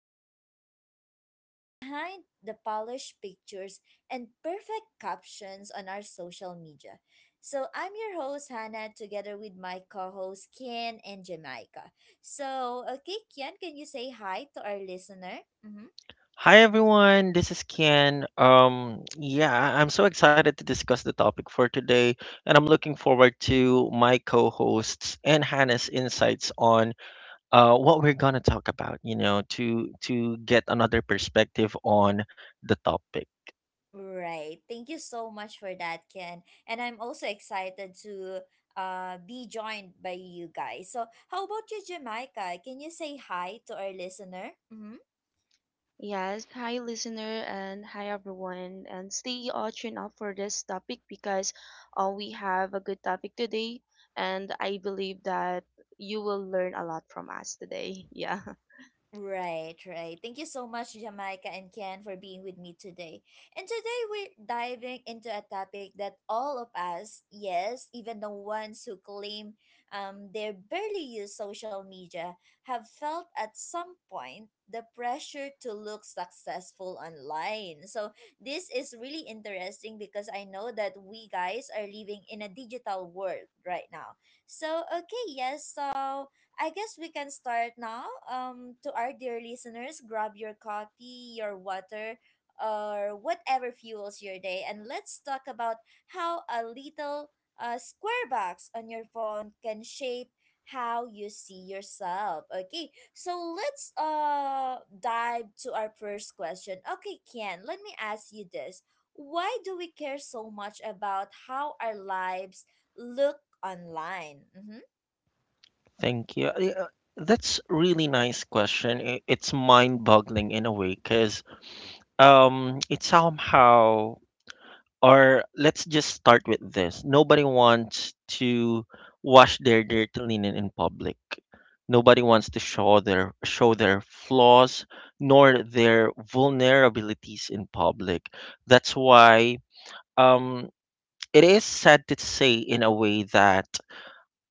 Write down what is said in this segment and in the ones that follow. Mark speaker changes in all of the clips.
Speaker 1: about the real stuff behind the polished pictures and perfect captions on our social media. I'm your host, Hannah, together with my co host, Kian and Jamaica. Okay, Kian, can you say hi to our listener? Mm-hmm.
Speaker 2: Hi everyone, this is Ken. Yeah, I'm so excited to discuss the topic for today, and I'm looking forward to my co-hosts and Hannah's insights on what we're gonna talk about. To get another perspective on the topic.
Speaker 1: Right. Thank you so much for that, Ken. And I'm also excited to be joined by you guys. So, how about you, Jamaica? Can you say hi to our listener? Mhm.
Speaker 3: Yes, hi listener and hi everyone and stay all tuned up for this topic because we have a good topic today and I believe that you will learn a lot from us today. Yeah.
Speaker 1: Right, right. Thank you so much, Jamaica and Ken, for being with me today. And today we're diving into a topic that all of us, yes, even the ones who claim, they barely use social media, have felt at some point the pressure to look successful online. So this is really interesting because I know that we guys are living in a digital world right now. So I guess we can start now. To our dear listeners, grab your coffee, your water, or whatever fuels your day, and let's talk about how a little square box on your phone can shape how you see yourself. Okay, so let's dive to our first question. Okay, Kian, let me ask you this: why do we care so much about how our lives look online? Mm-hmm.
Speaker 2: Thank you. Yeah, that's really nice question. It's mind-boggling in a way, cause it somehow Or let's just start with this. Nobody wants to wash their dirty linen in public. Nobody wants to show their flaws nor their vulnerabilities in public. That's why um, it is sad to say in a way that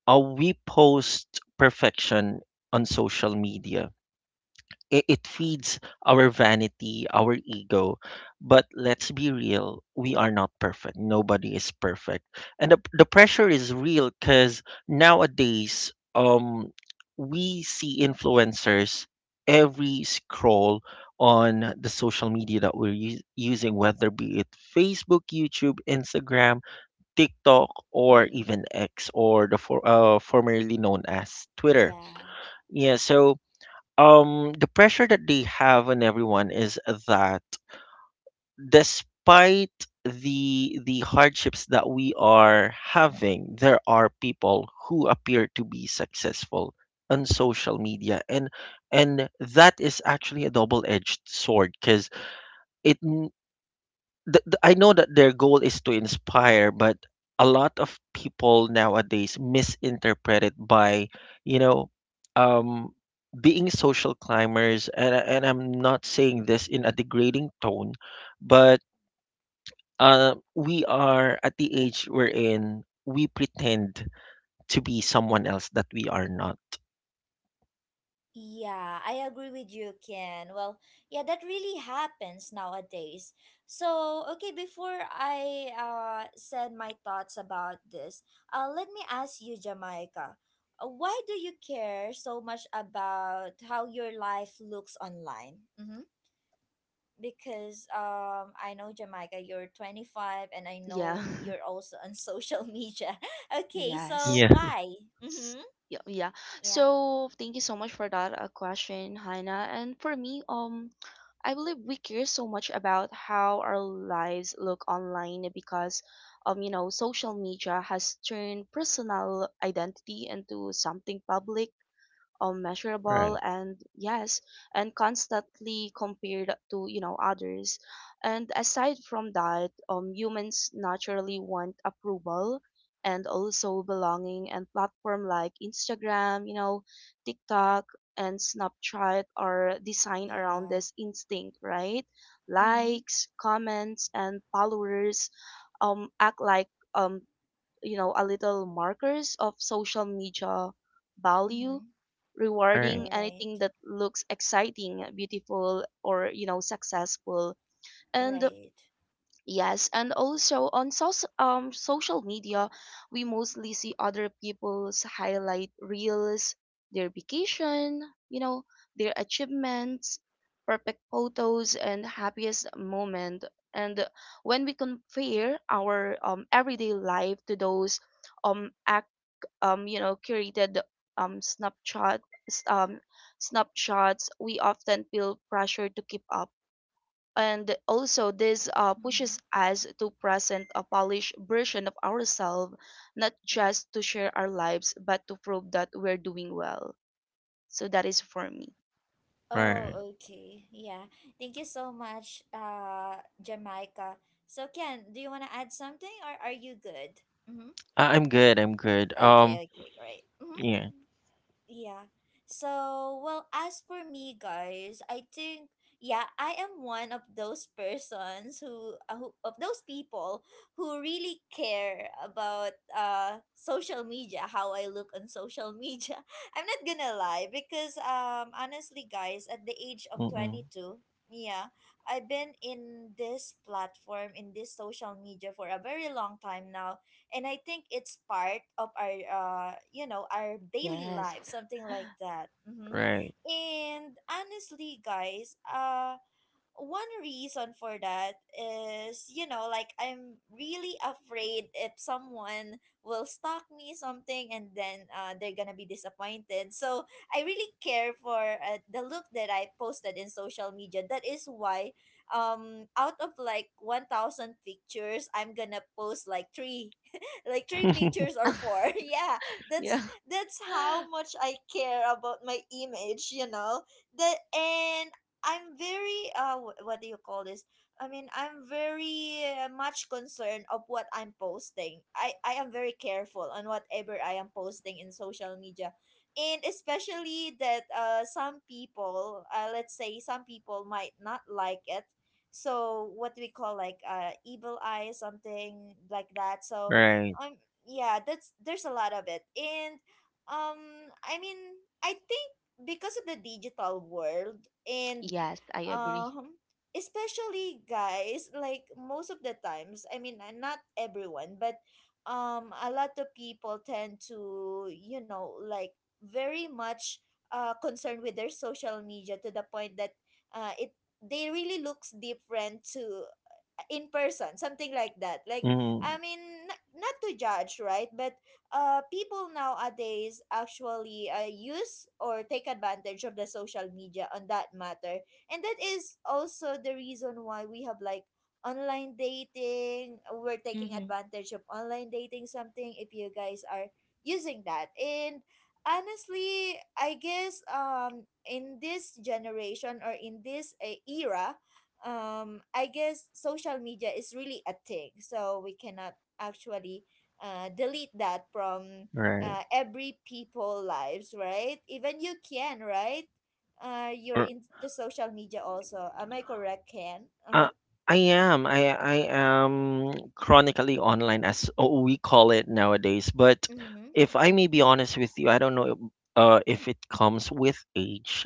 Speaker 2: we post perfection on social media. It feeds our vanity, our ego. But let's be real, we are not perfect. Nobody is perfect. And the pressure is real because nowadays, we see influencers every scroll on the social media that we're using, whether be it Facebook, YouTube, Instagram, TikTok, or
Speaker 1: Mm-hmm.
Speaker 2: even X, or the formerly known as Twitter.
Speaker 1: Yeah.
Speaker 2: Yeah, so the pressure that they have on everyone is that, despite the hardships that we are having, there are people who appear to be successful on social media, and that is actually a double-edged sword because it I know that their goal is to inspire, but a lot of people nowadays misinterpret it by, you know, um, being social climbers. And I'm not saying this in a degrading tone, but we are at the age we're in, we pretend to be someone else that we are not.
Speaker 1: Yeah, I agree with you, Ken. Well, yeah, that really happens nowadays. So, okay, before I said my thoughts about this, let me ask you, Jamaica. Why do you care so much about how your life looks online? Mm-hmm. Because I know, Jamaica, you're 25 and I
Speaker 3: Yeah.
Speaker 1: know you're also on social media. Okay, so
Speaker 3: Yes.
Speaker 2: Yeah.
Speaker 1: why?
Speaker 3: S-
Speaker 1: Mm-hmm.
Speaker 3: Yeah, yeah.
Speaker 1: Yeah.
Speaker 3: So thank you so much for that question, Hannah. And for me, I believe we care so much about how our lives look online because, you know, social media has turned personal identity into something public, measurable,
Speaker 2: Right.
Speaker 3: and yes, and constantly compared to, you know, others. And aside from that, humans naturally want approval and also belonging, and platform like Instagram, you know, TikTok, and Snapchat are designed around
Speaker 1: Yeah.
Speaker 3: this instinct, right?
Speaker 1: Mm-hmm.
Speaker 3: Likes, comments, and followers act like um you know, a little markers of social media value,
Speaker 1: Mm-hmm.
Speaker 3: rewarding
Speaker 2: Right.
Speaker 1: Right,
Speaker 3: anything that looks exciting, beautiful, or, you know, successful. And
Speaker 1: right.
Speaker 3: yes, and also on social media, we mostly see other people's highlight reels, their vacation, you know, their achievements, perfect photos, and happiest moment. And when we compare our everyday life to those act um, you know, curated um snapshot s- um snapshots, we often feel pressure to keep up, and also this pushes
Speaker 1: Mhm.
Speaker 3: us to present a polished version of ourselves, not just to share our lives but to prove that we're doing well. So that is for me.
Speaker 2: Right.
Speaker 1: Oh, okay. Yeah. Thank you so much, Jamaica. So, Ken, do you want to add something or are you good? Mm-hmm.
Speaker 2: I'm good. I'm good.
Speaker 1: Okay, okay, great.
Speaker 2: Yeah.
Speaker 1: Mm-hmm. Yeah. So, well, as for me, guys, I think, yeah, I am one of those persons who, of those people who really care about social media, how I look on social media. I'm not gonna lie because honestly, guys, at the age of
Speaker 2: Mm-mm.
Speaker 1: 22, yeah, I've been in this platform, in this social media, for a very long time now, and I think it's part of our, you know, our daily
Speaker 3: Yes.
Speaker 1: life, something like that. Hmm.
Speaker 2: Right.
Speaker 1: And honestly, guys, one reason for that is, you know, like, I'm really afraid if someone will stalk me, something, and then they're gonna be disappointed. So I really care for, the look that I posted in social media. That is why out of like 1000 pictures, I'm gonna post like three, like three pictures or four. Yeah, that's
Speaker 3: Yeah.
Speaker 1: that's how much I care about my image, you know. The and I'm very, what do you call this? I mean, I'm very much concerned of what I'm posting. I am very careful on whatever I am posting in social media. And especially that, uh, some people, let's say, some people might not like it. So what do we call, like, evil eye, something like that. So,
Speaker 2: Right.
Speaker 1: um, yeah, that's there's a lot of it. And, um, I mean, I think because of the digital world and,
Speaker 3: Yes, I agree.
Speaker 1: um, especially, guys, like most of the times, I mean, not everyone, but, um, a lot of people tend to, you know, like, very much concerned with their social media to the point that, uh, it they really looks different to in person, something like that. Like,
Speaker 2: Mm-hmm.
Speaker 1: I mean, not to judge, right? But, people nowadays actually, use or take advantage of the social media on that matter. And that is also the reason why we have like online dating. We're taking
Speaker 3: Mm-hmm.
Speaker 1: advantage of online dating, something, if you guys are using that. And honestly, I guess, in this generation or in this, era, I guess social media is really a thing, so we cannot actually delete that from,
Speaker 2: Right.
Speaker 1: every people lives, right? Even you can, right? You're
Speaker 2: Or,
Speaker 1: into social media also, am I correct, Ken?
Speaker 2: uh,
Speaker 1: Uh-huh.
Speaker 2: I am. I am chronically online, as, oh, we call it nowadays. But
Speaker 1: Mm-hmm.
Speaker 2: if I may be honest with you, I don't know if it comes with age.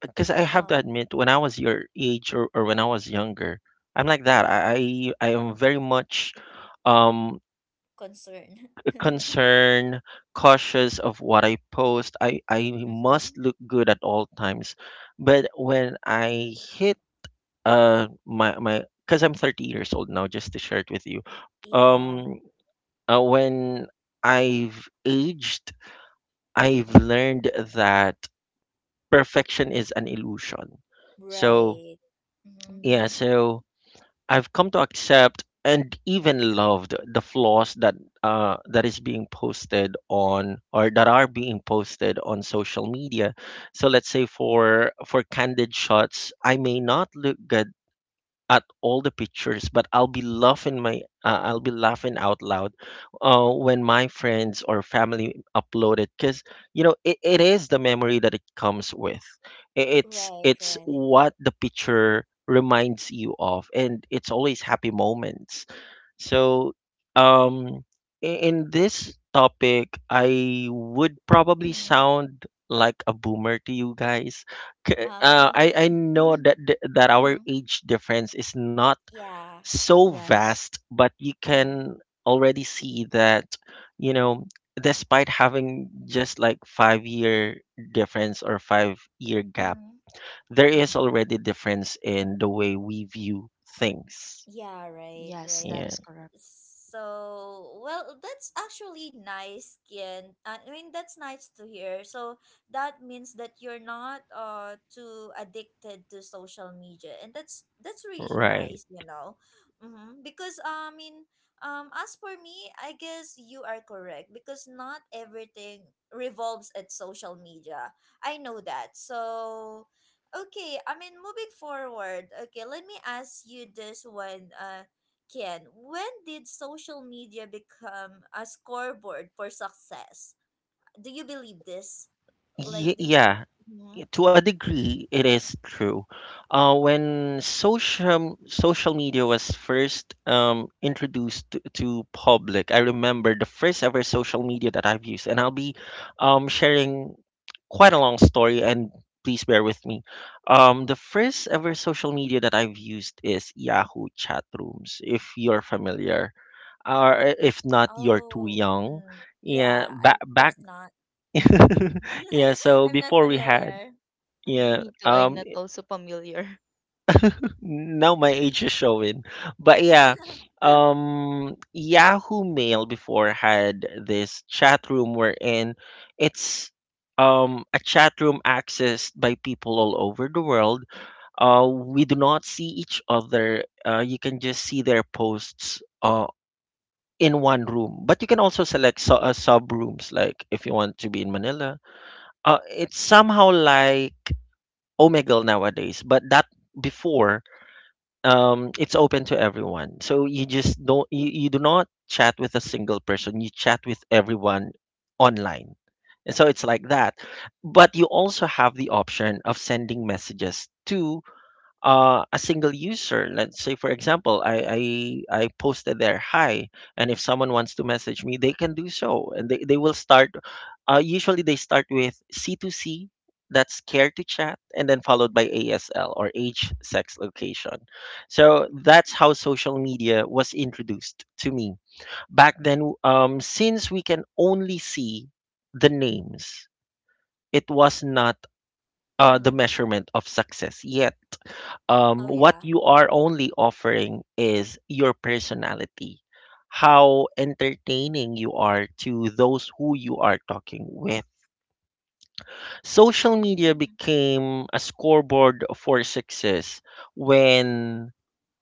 Speaker 2: Because I have to
Speaker 1: Oh,
Speaker 2: admit, when I was your age, or when I was younger, I'm like that.
Speaker 1: yeah.
Speaker 2: I am very much um
Speaker 1: Concern.
Speaker 2: concerned, cautious of what I post. I must look
Speaker 1: Mm-hmm.
Speaker 2: good at all times. But when I hit my my because I'm 30 years old now, just to share it with you.
Speaker 1: Yeah.
Speaker 2: Um uh, when I've aged, I've learned that perfection is an illusion. So,
Speaker 1: Right. Mm-hmm.
Speaker 2: yeah,
Speaker 3: Mhm.
Speaker 2: so I've come to accept and even loved the flaws that that is being posted on or that are being posted on social media. So let's say, for candid shots, I may not look good at all the pictures, but I'll be laughing out loud when my friends or family upload it, because, it is the memory that it comes with. I- it's
Speaker 1: Right,
Speaker 2: it's
Speaker 1: right.
Speaker 2: what the picture reminds you of, and it's always happy moments. So, um, in this topic, I would probably
Speaker 1: Mm-hmm.
Speaker 2: sound like a boomer to you guys. K- Uh,
Speaker 1: Oh.
Speaker 2: I I know that that
Speaker 1: Mm-hmm.
Speaker 2: our age difference is not
Speaker 1: Yeah.
Speaker 2: so
Speaker 3: Yes.
Speaker 2: vast, but you
Speaker 1: Mm-hmm.
Speaker 2: can already see that, you know, despite having just like 5-year difference or 5-year gap,
Speaker 1: Mm-hmm.
Speaker 2: there is
Speaker 3: Mm-hmm.
Speaker 2: already difference in the way we view things.
Speaker 1: Yeah, right,
Speaker 3: Yes,
Speaker 1: right.
Speaker 3: that
Speaker 2: Yeah,
Speaker 3: is correct.
Speaker 1: So, well, that's actually nice, Kian. I mean, that's nice to hear. So, that means that you're not too addicted to social media, and that's really
Speaker 2: right.
Speaker 1: nice, you know. Mm-hmm. Because, I mean, as for me, I guess you are correct because not everything revolves at social media. I know that. So, okay, I mean, moving forward. Okay, let me ask you this one, Ken, when did social media become a scoreboard for success? Do you believe this? Like, do you believe?
Speaker 2: Yeah,
Speaker 1: Hmm.
Speaker 2: to a degree, it is true. When social media was first introduced to, public, I remember the first ever social media that I've used, and I'll be sharing quite a long story. And please bear with me. The first ever social media that I've used is Yahoo chat rooms, if you're familiar, or if not, you're too
Speaker 1: Oh,
Speaker 2: young.
Speaker 1: mm, yeah,
Speaker 2: Yeah,
Speaker 1: I
Speaker 2: back
Speaker 1: guess
Speaker 2: back.
Speaker 1: not.
Speaker 2: Yeah. So
Speaker 1: I'm not
Speaker 2: before we had,
Speaker 1: familiar. Mm-hmm.
Speaker 2: yeah.
Speaker 3: Me too, I'm not also familiar.
Speaker 2: Now my age is showing. But yeah, Yahoo Mail before had this chat room wherein it's a chat room accessed by people all over the world. We do not see each other. You can just see their posts in one room. But you can also select, so, sub rooms, like if you want to be in Manila. It's somehow like Omegle nowadays, but that before, it's open to everyone. So, you just don't you, you do not chat with a single person. You chat with everyone online. And so it's like that. But you also have the option of sending messages to, a single user. Let's say, for example, I posted there "hi", and if someone wants to message me, they can do so, and they will start. Usually, they start with C2C, that's care to chat, and then followed by ASL, or age, sex, location. So that's how social media was introduced to me back then. Since we can only see the names, it was not the
Speaker 1: Mm-hmm.
Speaker 2: measurement of success yet.
Speaker 1: Oh,
Speaker 2: What
Speaker 1: yeah.
Speaker 2: you are only offering is your personality, how entertaining you are to those who you are talking with. Social media
Speaker 1: Mm,
Speaker 2: became a scoreboard for success when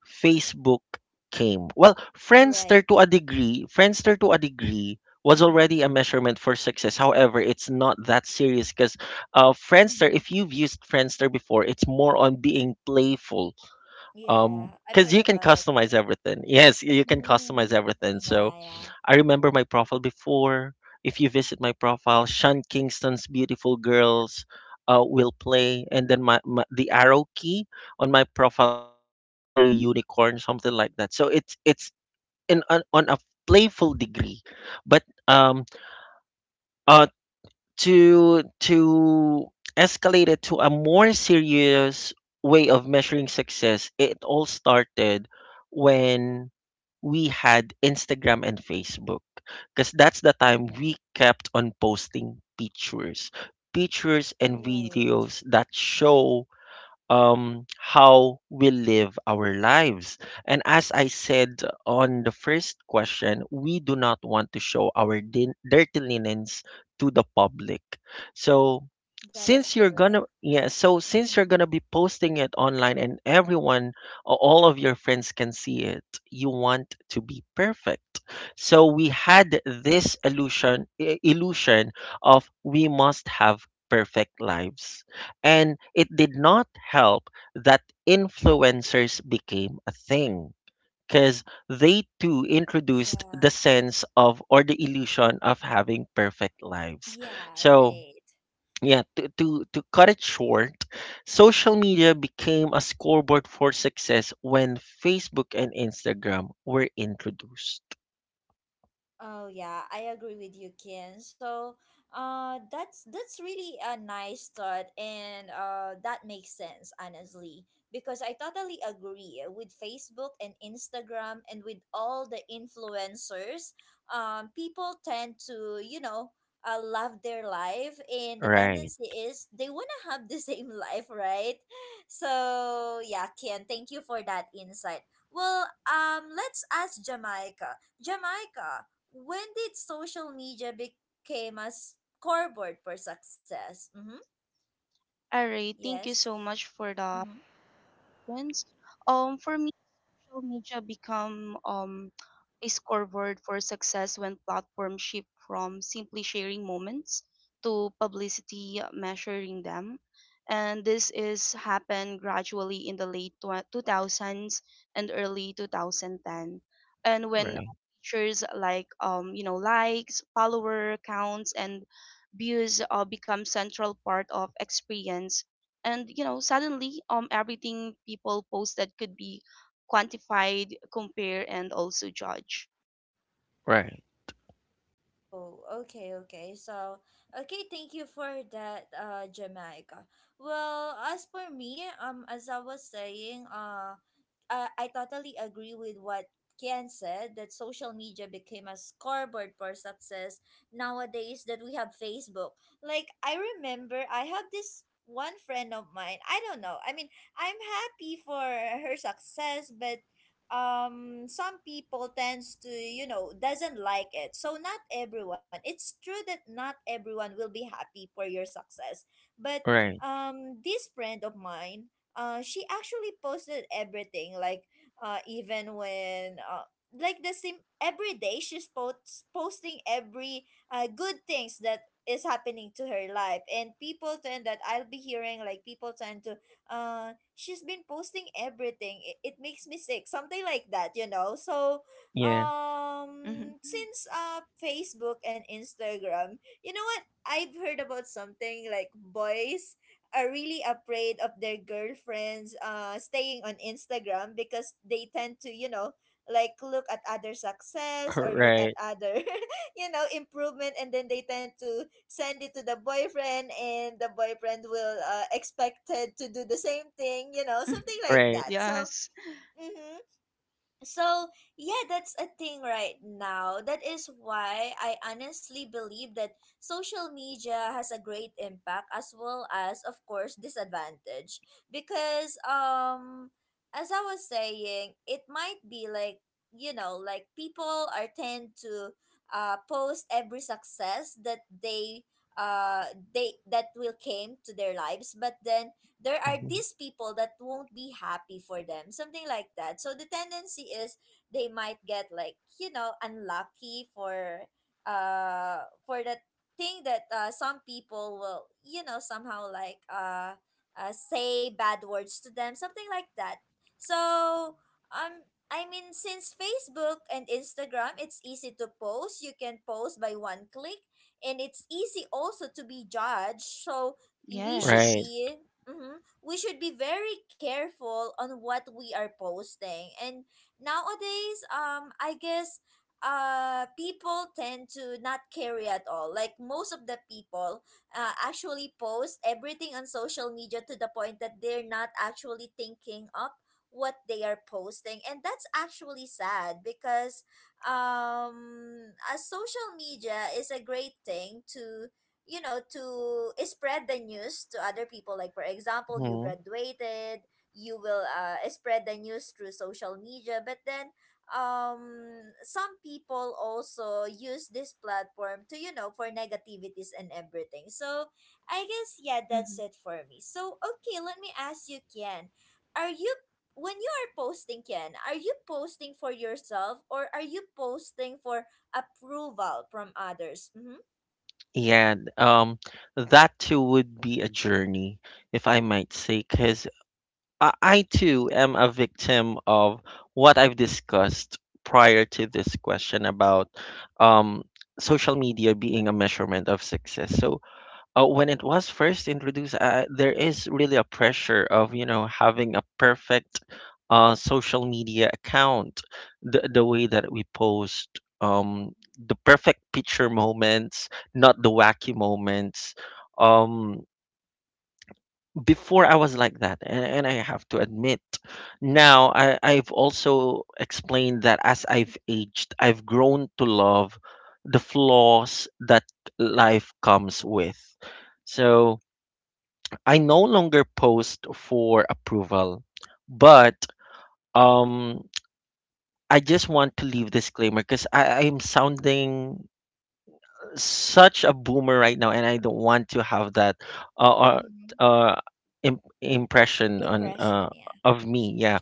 Speaker 2: Facebook came. Well,
Speaker 1: right.
Speaker 2: Friendster to a degree was
Speaker 1: Mm-hmm.
Speaker 2: already a measurement for success. However, it's not that serious because, Friendster,
Speaker 1: Mm-hmm.
Speaker 2: if you've used Friendster before, it's more on being playful,
Speaker 1: Yeah, I've
Speaker 2: because
Speaker 1: heard
Speaker 2: you can
Speaker 1: about it.
Speaker 2: customize everything. Yes, you can
Speaker 1: Mm,
Speaker 2: customize everything.
Speaker 1: yeah,
Speaker 2: So
Speaker 1: yeah.
Speaker 2: I remember my profile before. If you visit my profile, Sean Kingston's "Beautiful Girls" will play, and then my the arrow key on my profile is a glittery unicorn, something like that. So it's in on a playful degree. But uh to escalate it to a more serious way of measuring success, it all started when we had Instagram and Facebook, because that's the time we kept on posting pictures and
Speaker 1: Right.
Speaker 2: videos that show, how we live our lives. And as I said on the first question, we do not want to show our dirty linens to the public. So,
Speaker 1: That is correct.
Speaker 2: since you're
Speaker 1: Mm-hmm.
Speaker 2: gonna be posting it online, and everyone, all of your friends, can see it, you want to be perfect. So we had this illusion of we must have perfect lives, and it did not help that influencers became a thing, because they too introduced
Speaker 1: Yeah.
Speaker 2: the sense of, or the illusion of, having perfect lives.
Speaker 1: Yeah,
Speaker 2: So,
Speaker 1: right.
Speaker 2: yeah, to cut it short, social media became a scoreboard for success when Facebook and Instagram were introduced.
Speaker 1: Oh yeah, I agree with you, Ken. So, that's really a nice thought, and, that makes sense, honestly, because I totally agree with Facebook and Instagram and with all the influencers. People tend to, you know, love their life, and the
Speaker 2: Right,
Speaker 1: tendency is they wanna have the same life, right? So yeah, Ken, thank you for that insight. Well, let's ask Jamaica. Jamaica. When did social media became a scoreboard for success? Mm-hmm.
Speaker 3: All right, thank you
Speaker 1: Yes.
Speaker 3: so much for the
Speaker 1: Mm-hmm.
Speaker 3: questions. For social media become, a scoreboard for success when platforms shift from simply sharing moments to publicity measuring them. And this is happened gradually in the late 2000s and early 2010. And when
Speaker 2: right,
Speaker 3: features like, you know, likes, follower counts, and views become central part of experience, and you know, suddenly, um, everything people posted could be quantified, compare, and also judge.
Speaker 2: right,
Speaker 1: Oh, okay, okay. So, okay, thank you for that, Jamaica. Well, as for me, as I was saying, I totally agree with what Ken said, that social media became a scoreboard for success nowadays that we have Facebook. Like, I remember I have this one friend of mine. I don't know. I mean, I'm happy for her success, but, um, some people tends to, you know, doesn't like it, so not everyone. It's true that not everyone will be happy for your success. But,
Speaker 2: right.
Speaker 1: um, this friend of mine, uh, she actually posted everything, like, even when like the same every day, she's posts posting every, uh, good things that is happening to her life, and people tend that, I'll be hearing, like people tend to, uh, she's been posting everything, it makes me sick, something like that, you know. So,
Speaker 2: Yeah.
Speaker 3: Mhm.
Speaker 1: um, since, uh, Facebook and Instagram, you know what, I've heard about something like, boys are really afraid of their girlfriends staying on Instagram because they tend to, you know, like, look at other success or look at
Speaker 2: Right,
Speaker 1: other you know, improvement, and then they tend to send it to the boyfriend, and the boyfriend will, expected to do the same thing, you know, something like
Speaker 2: right,
Speaker 1: that. So,
Speaker 3: Yes,
Speaker 1: mhm, so, yeah, that's a thing right now. That is why I honestly believe that social media has a great impact as well as, of course, disadvantage, because, um, as I was saying, it might be like, you know, like, people are tend to, post every success that they, uh they that will came to their lives, but then there are
Speaker 2: mhm,
Speaker 1: these people that won't be happy for them, something like that. So the tendency is they might get like, you know, unlucky for, uh, for that thing that, some people will, you know, somehow like, uh, say bad words to them, something like that. So, um, I mean, since Facebook and Instagram, it's easy to post. You can post by one click, and it's easy also to be judged. So we should
Speaker 3: yes.
Speaker 2: right.
Speaker 1: be, mhm, we should be very careful on what we are posting. And nowadays, um, I guess, uh, people tend to not carry at all. Like, most of the people, actually post everything on social media, to the point that they're not actually thinking up what they are posting, and that's actually sad, because, um, a social media is a great thing to, you know, to, spread the news to other people, like, for example, you
Speaker 2: Mhm.
Speaker 1: graduated, you will, spread the news through social media. But then, um, some people also use this platform to, you know, for negativities and everything. So I guess, yeah,
Speaker 3: hmm
Speaker 1: that's it for me. So okay, let me ask you, Kian, are you when you are posting, Kian, are you posting for yourself, or are you posting for approval from others?
Speaker 2: Yeah, that too would be a journey, if I might say, because I too am a victim of what I've discussed prior to this question about, um, social media being a measurement of success. So, when it was first introduced, there is really a pressure of having a perfect, social media account, the way that we post, the perfect picture moments, not the wacky moments. Um, Before I was like that, and I have to admit, now I've also explained that as I've aged, I've grown to love the flaws that life comes with. So I no longer post for approval, but, um, I just want to leave disclaimer, because I am sounding such a boomer right now, and I don't want to have that uh, uh,
Speaker 1: Mm-hmm.
Speaker 2: uh impression on,
Speaker 1: Impression, yeah.
Speaker 2: of me. Yeah,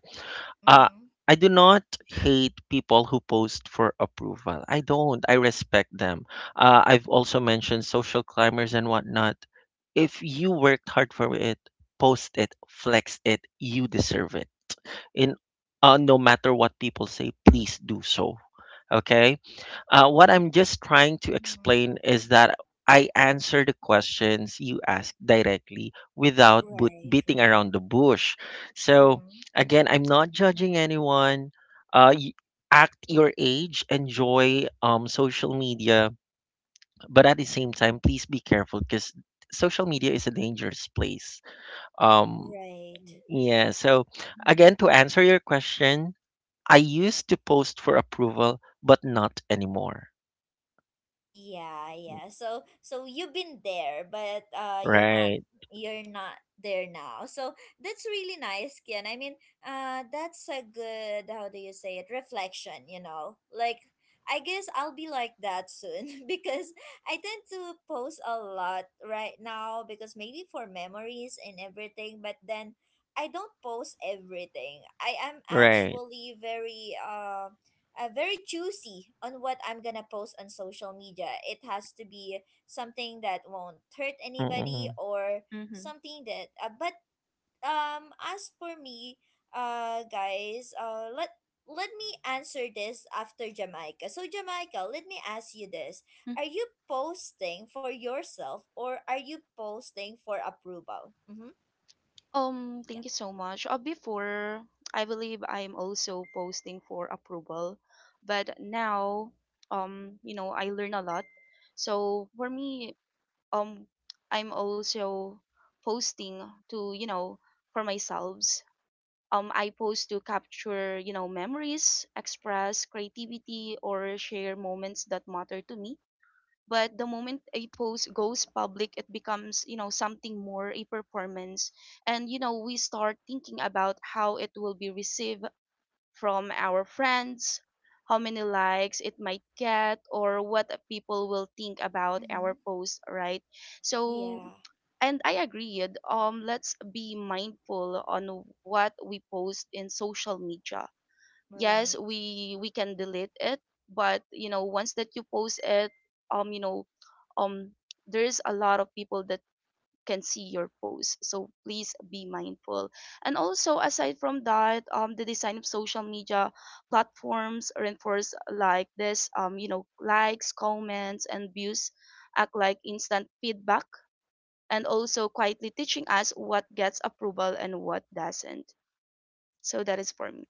Speaker 2: uh,
Speaker 1: Mm-hmm.
Speaker 2: I do not hate people who post for approval. I don't. I respect them. I've also mentioned social climbers and whatnot. If you worked hard for it, post it, flex it, you deserve it. In no matter what people say, please do so. Okay? What I'm just trying to
Speaker 1: Mm-hmm.
Speaker 2: explain is that I answer the questions you ask directly without
Speaker 1: Right,
Speaker 2: beating
Speaker 1: right.
Speaker 2: around the bush. So,
Speaker 1: Mm-hmm.
Speaker 2: again, I'm not judging anyone. Uh, y- Act your age, enjoy, social media, but at the same time, please be careful because social media is a dangerous place. um
Speaker 1: Right.
Speaker 2: yeah, so,
Speaker 1: Mm-hmm.
Speaker 2: again, to answer your question, I used to post for approval, but not anymore.
Speaker 1: Yeah, yeah. So so you've been there, but, uh, you're not,
Speaker 2: Right,
Speaker 1: you're not there now. So that's really nice, Kian. I mean, uh, that's a good, how do you say it? Reflection, you know. Like I guess I'll be like that soon because I tend to post a lot right now because maybe for memories and everything, but then I don't post everything. I am
Speaker 2: right.
Speaker 1: actually very very choosy on what I'm gonna post on social media. It has to be something that won't hurt anybody
Speaker 2: Mm-mm,
Speaker 1: or
Speaker 3: hmm
Speaker 1: something that. But as for me, guys, let me answer this after Jamaica. So Jamaica, let me ask you this: Are you posting for yourself or are you posting for approval? Mm-hmm. Yeah.
Speaker 3: Thank you so much. Before, I believe I'm also posting for approval, but now, you know, I learn a lot. So for me, um, I'm also posting to, you know, for myself. I post to capture, you know, memories, express creativity, or share moments that matter to me. But the moment a post goes public, it becomes, you know, something more a performance. And, you know, we start thinking about how it will be received from our friends, how many likes it might get, or what people will think about
Speaker 1: Mm-hmm.
Speaker 3: our post, right? So,
Speaker 1: Yeah.
Speaker 3: and I agreed. Let's be mindful on what we post in social media. Yes,
Speaker 1: Right.
Speaker 3: we can delete it, but you know, once that you post it, you know, um, there's a lot of people that can see your posts. So please be mindful. And also, aside from that, the design of social media platforms reinforce like this, you know, likes, comments, and views act like instant feedback, and also quietly teaching us what gets approval and what doesn't. So that is for me.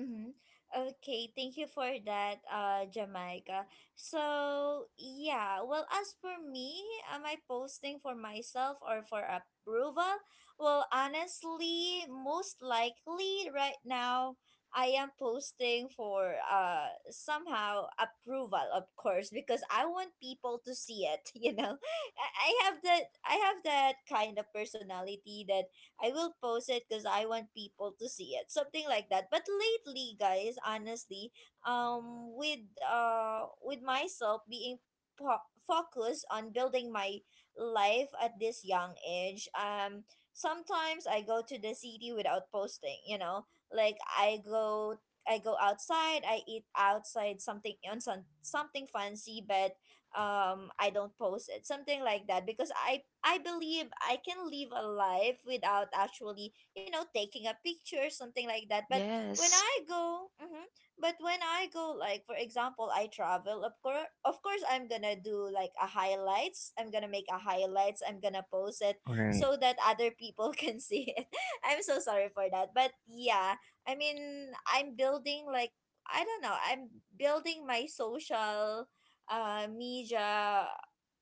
Speaker 1: Mm-hmm. Okay, thank you for that, Jamaica. So, yeah, well, as for me, am I posting for myself or for approval? Well, honestly, most likely right now, I am posting for somehow approval, of course, because I want people to see it, you know. I have that kind of personality that I will post it because I want people to see it. Something like that. But lately, guys, honestly, with myself being focused on building my life at this young age, sometimes I go to the city without posting. You know, like I go. I go outside. I eat outside something on something fancy, but I don't post it something like that because I believe I can live a life without actually, you know, taking a picture something like that. But when
Speaker 3: Yes.
Speaker 1: I go, but when I go, like for example I travel, of course, of course I'm gonna do like a highlights, I'm gonna make a highlights, I'm gonna post it
Speaker 2: right.
Speaker 1: so that other people can see it. I'm so sorry for that, but yeah, I mean I'm building like, I don't know, I'm building my social media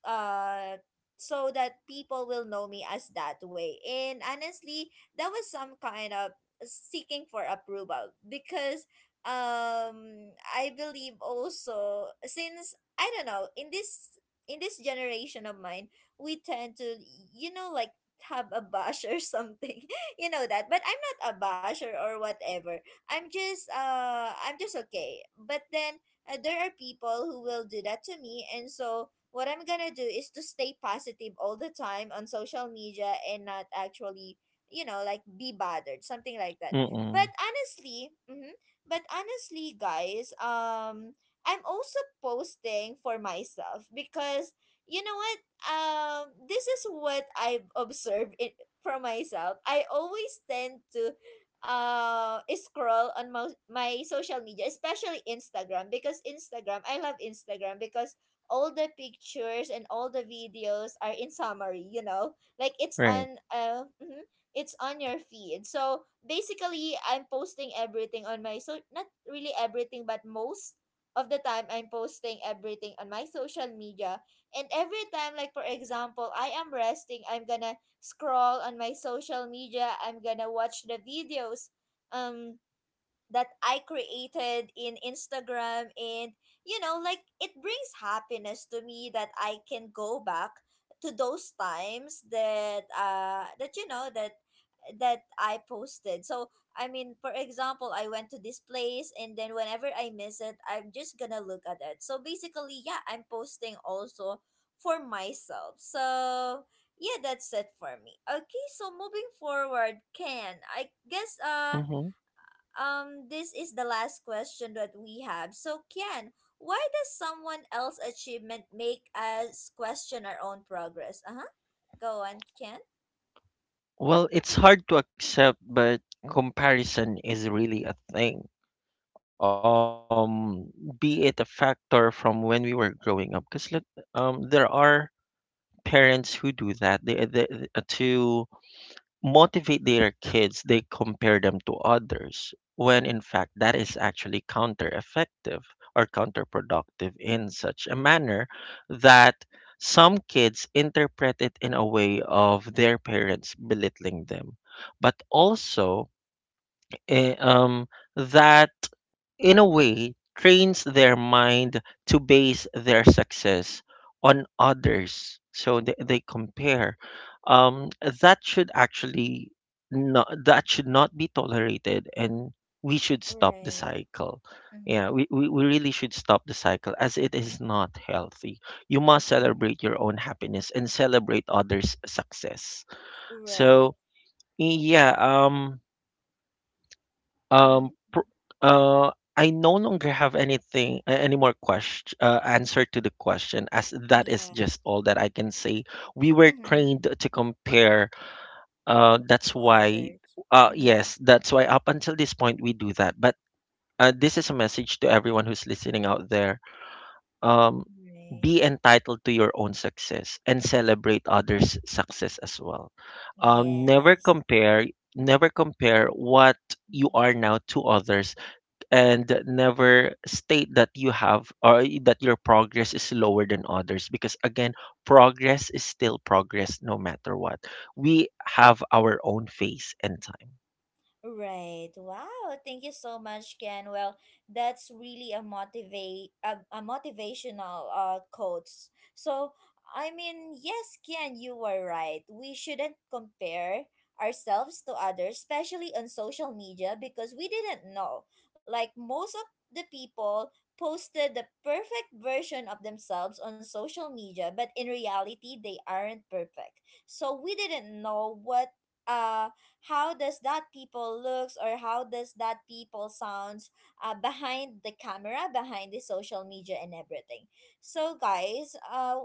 Speaker 1: uh, so that people will know me as that way. And honestly, that was some kind of seeking for approval because I believe also, since I don't know, in this generation of mine, we tend to, you know, like have a bash or something you know that, but I'm not a basher or whatever. I'm just okay, but then there are people who will do that to me. And so, what I'm gonna do is to stay positive all the time on social media and not actually, you know, like be bothered, something like that. But
Speaker 2: Mm-mm,
Speaker 1: honestly, but honestly, guys, I'm also posting for myself because, you know what? This is what I've observed it for myself. I always tend to scroll on my social media, especially Instagram, because Instagram, I love Instagram because all the pictures and all the videos are in summary, you know, like it's
Speaker 2: right.
Speaker 1: on it's on your feed. So basically I'm posting everything on my, so not really everything but most of the time I'm posting everything on my social media. And every time, like for example I am resting, I'm gonna scroll on my social media. I'm gonna watch the videos. Um, that I created in Instagram, and you know, like it brings happiness to me that I can go back to those times that that I posted. So I mean, for example, I went to this place and then whenever I miss it I'm just gonna look at it. So basically, yeah, I'm posting also for myself. So yeah, that's it for me. Okay, so moving forward, Ken, I guess
Speaker 2: Hmm.
Speaker 1: this is the last question that we have. So, Kian, why does someone else's achievement make us question our own progress? Uh huh. Go on, Kian.
Speaker 2: Well, it's hard to accept, but comparison is really a thing. um be it a factor from when we were growing up, because there are parents who do that. They, uh, they uh, to motivate their kids, they compare them to others, when in fact that is actually counter effective, or counterproductive, in such a manner that some kids interpret it in a way of their parents belittling them. But also, eh, um, that in a way trains their mind to base their success on others. So they compare. Um, that should actually not that should not be tolerated, and we should stop the
Speaker 1: Right.
Speaker 2: cycle. Yeah,
Speaker 1: Mm-hmm.
Speaker 2: we really should stop the cycle, as it is not healthy. You must
Speaker 1: Mm-hmm.
Speaker 2: celebrate your own happiness and celebrate others success.
Speaker 1: Right.
Speaker 2: So, yeah.
Speaker 1: Mm-hmm.
Speaker 2: Um, pr- I no longer have anything, any more question, answer to the question, as that is
Speaker 1: Yeah.
Speaker 2: just all that I can say. We were
Speaker 1: Mm-hmm.
Speaker 2: trained to compare. That's
Speaker 1: To
Speaker 2: why,
Speaker 1: others. Mm-hmm.
Speaker 2: yes, that's why up until this point we do that. But this is a message to everyone who's listening out there. Um,
Speaker 1: Right.
Speaker 2: be entitled to your own success and celebrate others' success as well. Never
Speaker 1: Yes.
Speaker 2: compare, never compare what you are now to others, and never state that you have, or that your progress is lower than others, because, again, progress is still progress no matter what. We have our own face and time.
Speaker 1: Right. Wow. Thank you so much, Ken. Well, that's really a motivational quotes. So, I mean, yes, Ken, you were right. We shouldn't compare ourselves to others, especially on social media, because we didn't know. Like most of the people posted the perfect version of themselves on social media, but in reality, they aren't perfect. So we didn't know what uh how does that people looks or how does that people sounds behind the camera, behind the social media and everything. So guys,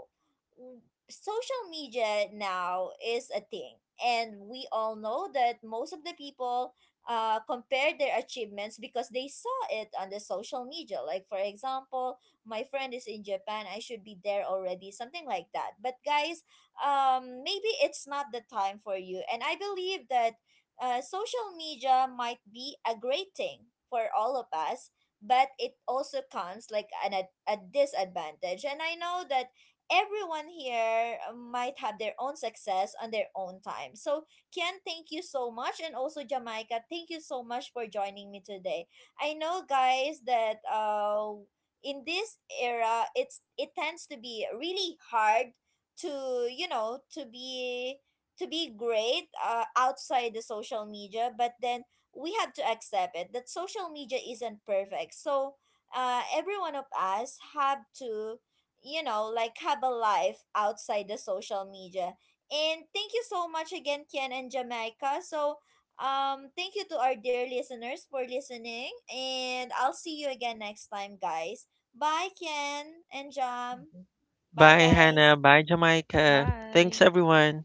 Speaker 1: w- social media now is a thing, and we all know that most of the people compare their achievements because they saw it on the social media. Like for example, my friend is in Japan, I should be there already, something like that. But guys, maybe it's not the time for you, and I believe that social media might be a great thing for all of us, but it also comes like a disadvantage. And I know that everyone here might have their own success on their own time. So Ken, thank you so much, and also Jamaica, thank you so much for joining me today. I know, guys, that in this era, it tends to be really hard to, you know, to be, to be great outside the social media. But then we have to accept it that social media isn't perfect. So every one of us have to, you know, like have a life outside the social media. And thank you so much again, Ken and Jamaica. So thank you to our dear listeners for listening, and I'll see you again next time, guys. Bye, Ken and Jam. Bye,
Speaker 2: Bye,
Speaker 1: guys.
Speaker 2: Hannah. Bye, Jamaica. Thanks,
Speaker 3: Bye.
Speaker 2: everyone.